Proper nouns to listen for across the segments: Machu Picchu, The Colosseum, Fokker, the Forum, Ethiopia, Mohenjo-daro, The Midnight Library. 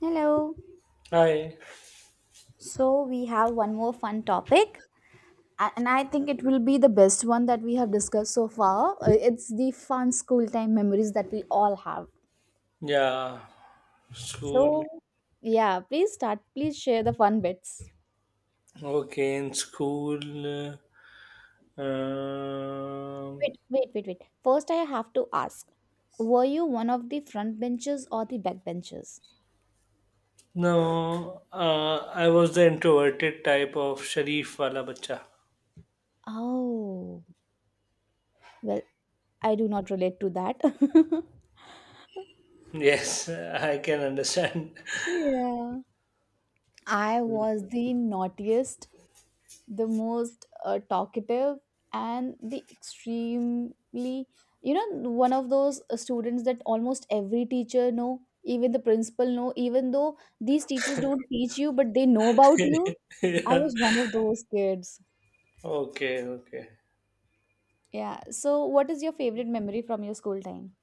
Hello. Hi. So we have one more fun topic, and I think it will be the best one that we have discussed so far. It's the fun school time memories that we all have. Yeah. School. So, yeah, please start. Please share the fun bits. Okay, in school. Uh, um, Wait. First, I have to ask: Were you one of the front benches or the back benches? no, I was the introverted type of Sharif wala bacha. Oh, well, I do not relate to that. Yes, I can understand. Yeah. I was the naughtiest, the most talkative, and the extremely, one of those students that almost every teacher know, even the principal know, even though these teachers don't teach you but they know about you. I Yeah. was one of those kids. Okay, okay. Yeah, so what is your favorite memory from your school time?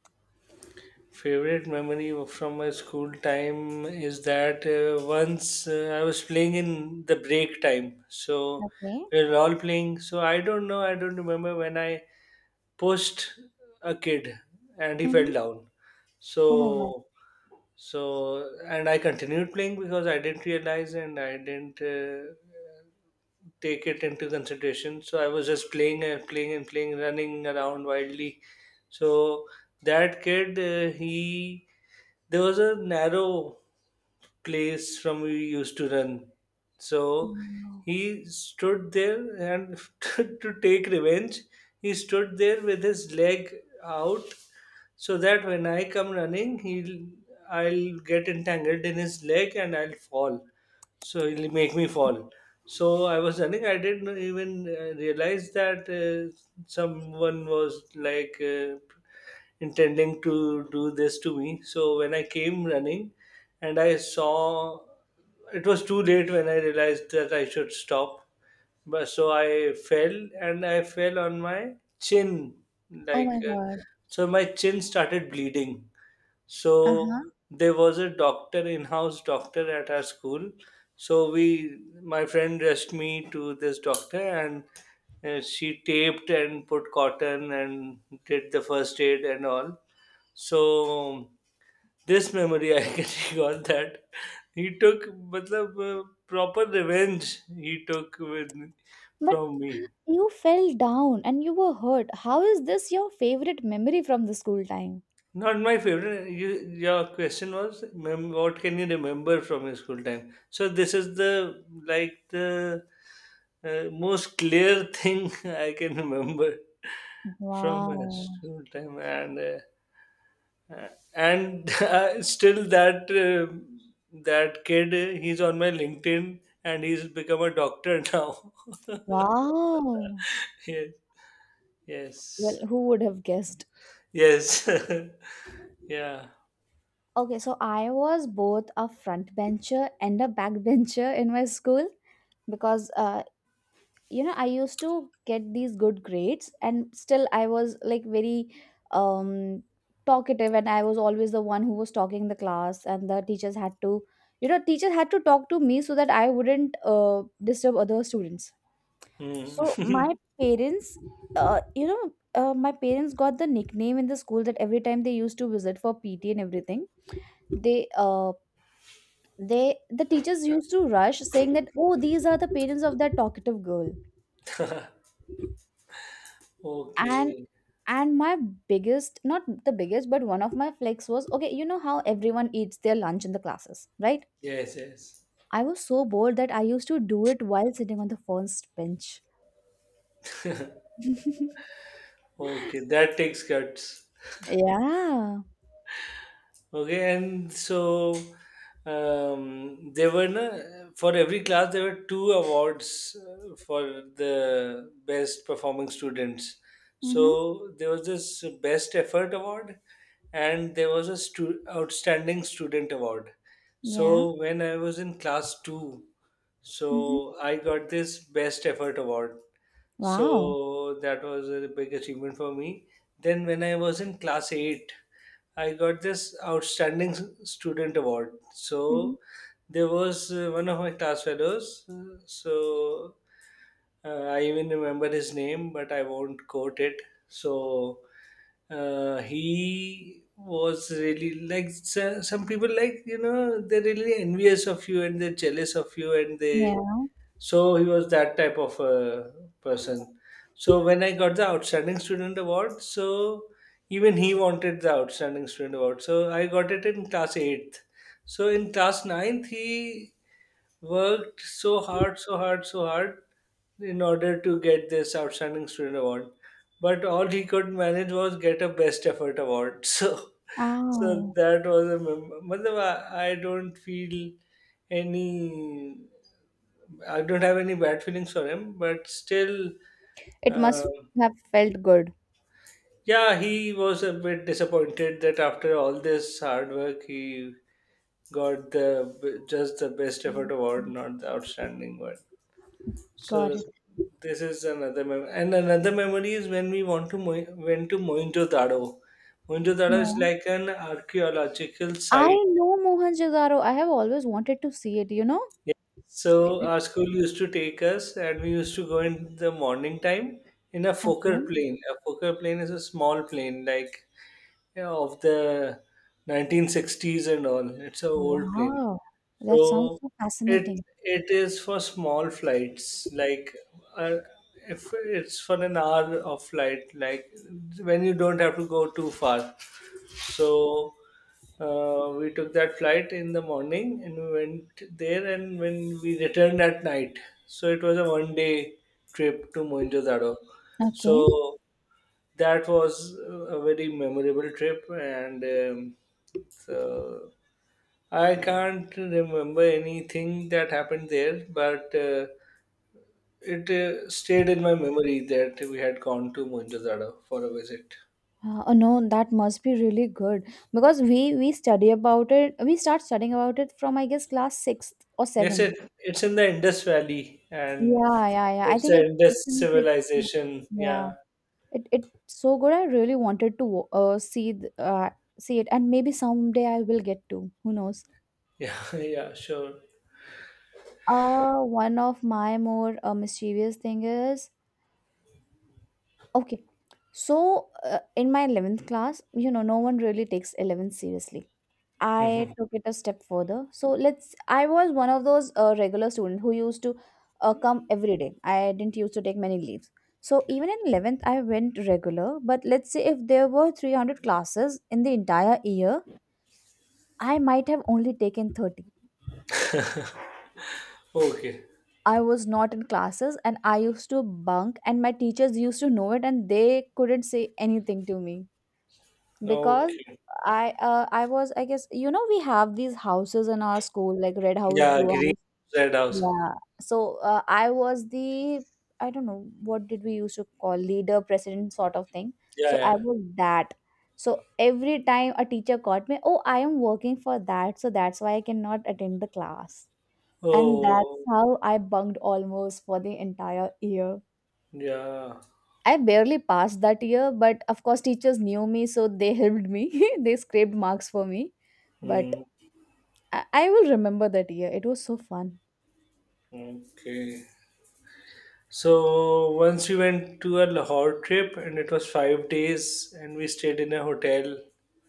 Favorite memory from my school time is that once I was playing in the break time. So Okay. we were all playing. So I don't know, I don't remember when I pushed a kid and he fell Mm-hmm. down. Oh my god. So so and I continued playing because I didn't realize, and I didn't take it into consideration. So I was just playing and playing and playing, running around wildly. So that kid, he there was a narrow place from we used to run. So No. he stood there and to take revenge. He stood there with his leg out so that when I come running, he'll I'll get entangled in his leg and I'll fall, so it'll make me fall. So I was running, I didn't even realize that someone was like intending to do this to me. So when I came running and I saw, it was too late when I realized that I should stop, but so I fell, and I fell on my chin, Oh like my god. so my chin started bleeding. So Uh-huh. there was a doctor, in-house doctor at our school. So my friend dressed me to this doctor, and she taped and put cotton and did the first aid and all. So this memory I can recall that he took, matlab, proper revenge he took with But from me. you fell down and you were hurt, how is this your favorite memory from the school time? Not my favorite. Your question was, what can you remember from your school time? So this is the most clear thing I can remember from my Wow. school time, and still that kid, he's on my LinkedIn and he's become a doctor now. Wow. Yes, Well, yes, who would have guessed? yes, yeah. Okay, so I was both a front bencher and a back bencher in my school, because you know, I used to get these good grades and still I was like very um talkative, and I was always the one who was talking in the class, and the teachers had to, teachers had to talk to me so that I wouldn't disturb other students. Hmm. So my parents, my parents got the nickname in the school that every time they used to visit for PT and everything, they uh the teachers used to rush saying that oh these are the parents of that talkative girl. and Okay. and my biggest, not the biggest, but one of my flex was, okay, you know how everyone eats their lunch in the classes, right? Yes, yes. I was so bored that I used to do it while sitting on the first bench. Okay, that takes guts. Yeah. Okay, and so for every class there were two awards for the best performing students. Mm-hmm. So there was this best effort award, and there was a outstanding student award. Yeah. So when I was in class two, Mm-hmm. so I got this best effort award, Wow. so that was a big achievement for me. Then when I was in class 8, I got this outstanding student award. So there was one of my class fellows. So I even remember his name, but I won't quote it. So he was really like some people, like, they're really envious of you and they're jealous of you, and they Yeah. so he was that type of a person. So when I got the Outstanding Student Award, so even he wanted the Outstanding Student Award. So I got it in class 8th. So in class ninth, he worked so hard, so hard, so hard in order to get this Outstanding Student Award. But all he could manage was get a Best Effort Award. So, Oh. that was a मतलब I don't feel any I don't have any bad feelings for him, but still, It uh, must have felt good. yeah, he was a bit disappointed that after all this hard work, he got the just the best effort award, not the outstanding one. Got So it. this is another memory is when we went to Moinjo Dado. Moinjo Dado Yeah. is like an archaeological I site. know Mohenjo-daro. I have always wanted to see it, you know? Yeah. So Maybe- our school used to take us, and we used to go in the morning time in a Fokker Okay. plane. A Fokker plane is a small plane, like, of the 1960s and all. It's an old plane, Wow. so That sounds so it fascinating. it is for small flights. Like, uh, if it's for an hour of flight, like, when you don't have to go too far. So we took that flight in the morning and we went there, and when we returned at night, so it was a one day trip to Mohenjo-daro. Okay. So that was a very memorable trip, and so I can't remember anything that happened there, but it stayed in my memory that we had gone to Mohenjo-daro for a visit. Oh no, that must be really good because we study about it. We start studying about it from, I guess, class sixth or Yes, seventh. it's in the Indus Valley and Yeah. I it's think an it's Indus in sixth. civilization. Yeah, Yeah, it it's so good, I really wanted to see see it, and maybe someday I will get to, who knows. yeah, yeah, sure. Uh, one of my more mischievous thing is, okay, so in my 11th class, you know, no one really takes 11th seriously. I took it a step further. So let's, I was one of those regular students who used to come every day. I didn't used to take many leaves, so even in 11th I went regular. But let's say if there were 300 classes in the entire year, I might have only taken 30. Okay, I was not in classes and I used to bunk, and my teachers used to know it and they couldn't say anything to me, because okay. I was, I guess, you know, we have these houses in our school, like red house, Yeah, blue green house. red house. Yeah, so I was the, I don't know what did we used to call, leader, president, sort of thing. Yeah, So I yeah. was that. So every time a teacher caught me, oh, I am working for that, so that's why I cannot attend the class. And that's Oh, how I bunked almost for the entire year. yeah. I barely passed that year, but of course, teachers knew me, so they helped me. They scraped marks for me. But Hmm. I will remember that year. It was so fun. Okay. So once we went to a Lahore trip, and it was 5 days and we stayed in a hotel,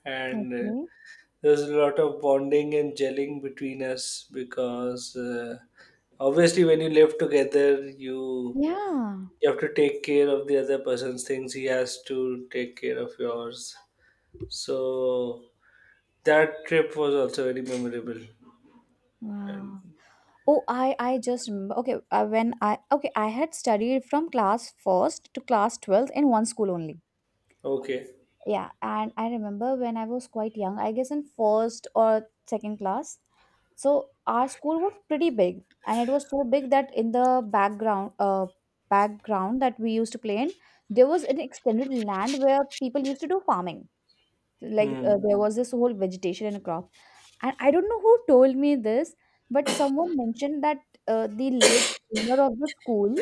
and Okay. there's a lot of bonding and gelling between us, because obviously when you live together, you Yeah. you have to take care of the other person's things, he has to take care of yours. So that trip was also very memorable. Wow. Oh, I just remember. Okay, when I okay, I had studied from class first to class 12th in one school only. Okay. Yeah, and I remember when I was quite young, I guess in first or second class, so our school was pretty big, and it was so big that in the background that we used to play in, there was an extended land where people used to do farming, like, Hmm. there was this whole vegetation and crop. And I don't know who told me this, but someone mentioned that the late owner of the school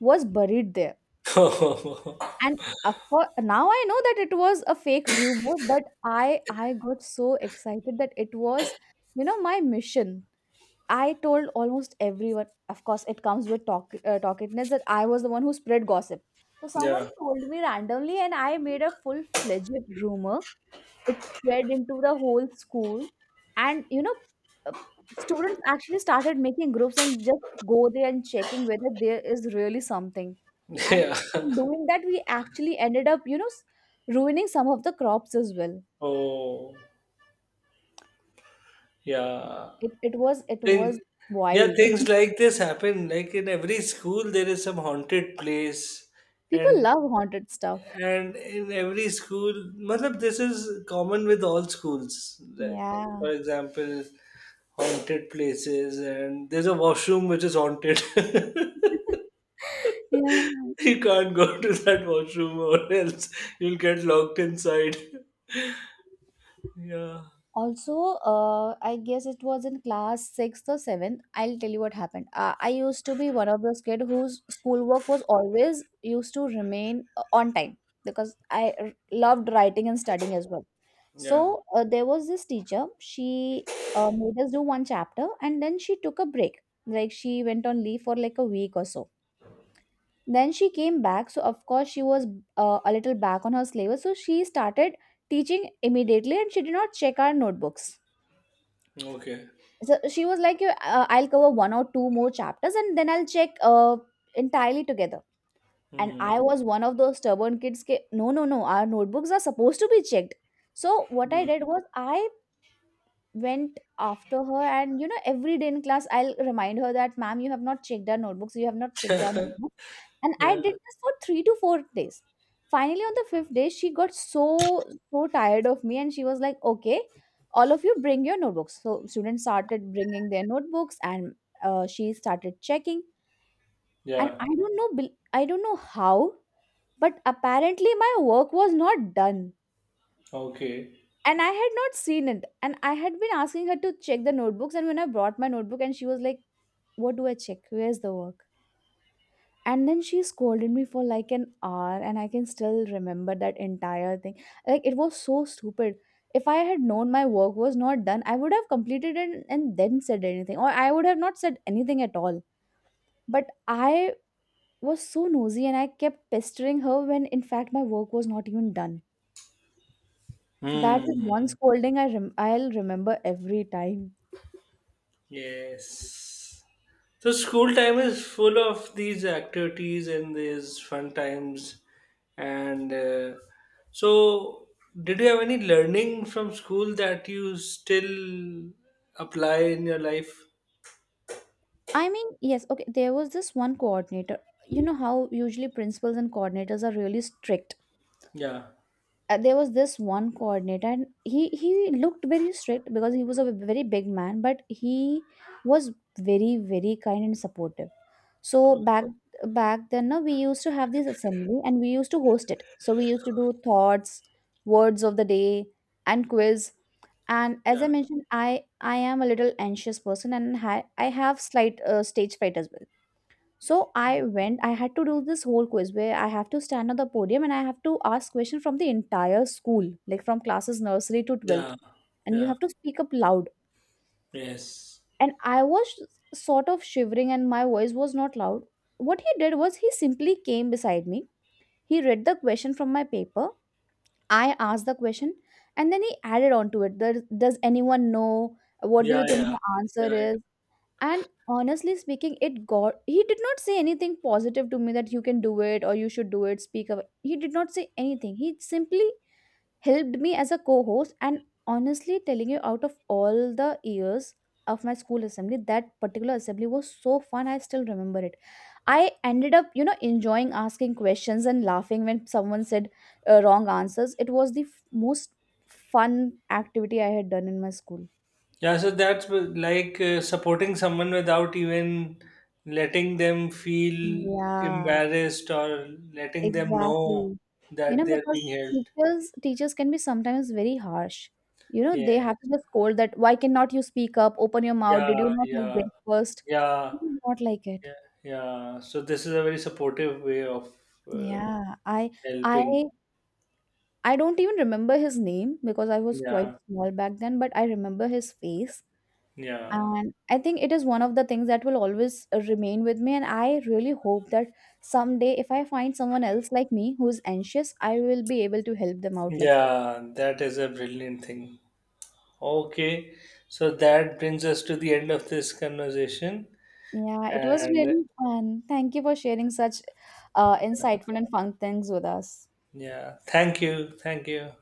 was buried there. And of course, now I know that it was a fake rumor, but I got so excited that it was, you know, my mission. I told almost everyone. Of course, it comes with talkativeness that I was the one who spread gossip. So someone Yeah, told me randomly, and I made a full fledged rumor. It spread into the whole school. And you know, uh, students actually started making groups and just go there and checking whether there is really something. And yeah. doing that, we actually ended up, you know, ruining some of the crops as well. Oh, yeah. it, it was it Thing- was yeah, wild. things like this happen, like, in every school there is some haunted place, People and love haunted stuff. and in every school, matlab, this is common with all schools. Like, Yeah. for example, haunted places, and there's a washroom which is haunted. Yeah. You can't go to that washroom, or else you'll get locked inside. Yeah, Also, I guess it was in class 6th or 7th. I'll tell you what happened. I used to be one of those kids whose schoolwork was always used to remain on time, because i r- loved writing and studying as well. yeah. So there was this teacher, she made us do one chapter, and then she took a break, like she went on leave for like a week or so. Then she came back, so of course she was a little back on her syllabus, so she started teaching immediately and she did not check our notebooks. Okay. So she was like, "You, I'll cover one or two more chapters and then I'll check entirely together." And Hmm. I was one of those stubborn kids, ke, no, our notebooks are supposed to be checked. So what I Mm. did was, I went after her, and you know, every day in class I'll remind her that ma'am, you have not checked our notebooks, you have not checked our notebooks. And I did Yeah, this for 3 to 4 days. Finally, on the fifth day, she got so tired of me, and she was like, "Okay, all of you bring your notebooks." So students started bringing their notebooks, and she started checking. And yeah. I don't know, I don't know how, but apparently my work was not done, Okay. and I had not seen it. And I had been asking her to check the notebooks, and when I brought my notebook, and she was like, "What do I check? Where's the work?" And then she scolded me for like an hour, and I can still remember that entire thing. Like, it was so stupid. If I had known my work was not done, I would have completed it and then said anything, or I would have not said anything at all. But I was so nosy and I kept pestering her when in fact my work was not even done. That is one Hmm. scolding I I'll remember every time. Yes. So school time is full of these activities and these fun times. And so, did you have any learning from school that you still apply in your life? I mean, yes, okay, there was this one coordinator. You know how usually principals and coordinators are really strict. Yeah. There was this one coordinator, and he looked very strict because he was a very big man, but he was very, very kind and supportive. So Oh, back then, no, we used to have this assembly and we used to host it, so we used to do thoughts, words of the day, and quiz. And as I yeah. mentioned, I am a little anxious person and I have slight stage fright as well. So I went, I had to do this whole quiz where I have to stand on the podium and I have to ask questions from the entire school, like from classes nursery to 12th. Yeah. And you Yeah. have to speak up loud. Yes. And I was sort of shivering and my voice was not loud. What he did was, he simply came beside me. He read the question from my paper. I asked the question, and then he added on to it. Does anyone know? What do Yeah. you think Yeah. the answer Yeah. Yeah. is? And honestly speaking, it got he did not say anything positive to me that you can do it or you should do it, speak up. He did not say anything. He simply helped me as a co-host. And honestly telling you, out of all the years of my school assembly, that particular assembly was so fun, I still remember it. I ended up, you know, enjoying asking questions and laughing when someone said wrong answers. It was the most fun activity I had done in my school. Yeah, so that's like, supporting someone without even letting them feel Yeah, embarrassed or letting them know exactly. You that know, they're because being helped. teachers can be sometimes very harsh. You know, they Yes. have to just scold that, why cannot you speak up? Open your mouth. Did you Yeah, not have yeah, breakfast? yeah, It is not like it. yeah, yeah. So this is a very supportive way of uh, Yeah, I I helping. I don't even remember his name because I was quite Yeah, small back then, but I remember his face. yeah, And I think it is one of the things that will always remain with me. And I really hope that someday, if I find someone else like me who's anxious, I will be able to help them out like— yeah. That is a brilliant thing. Okay, so that brings us to the end of this conversation. Yeah, it was And really fun. Thank you for sharing such insightful and fun things with us. yeah, thank you, thank you.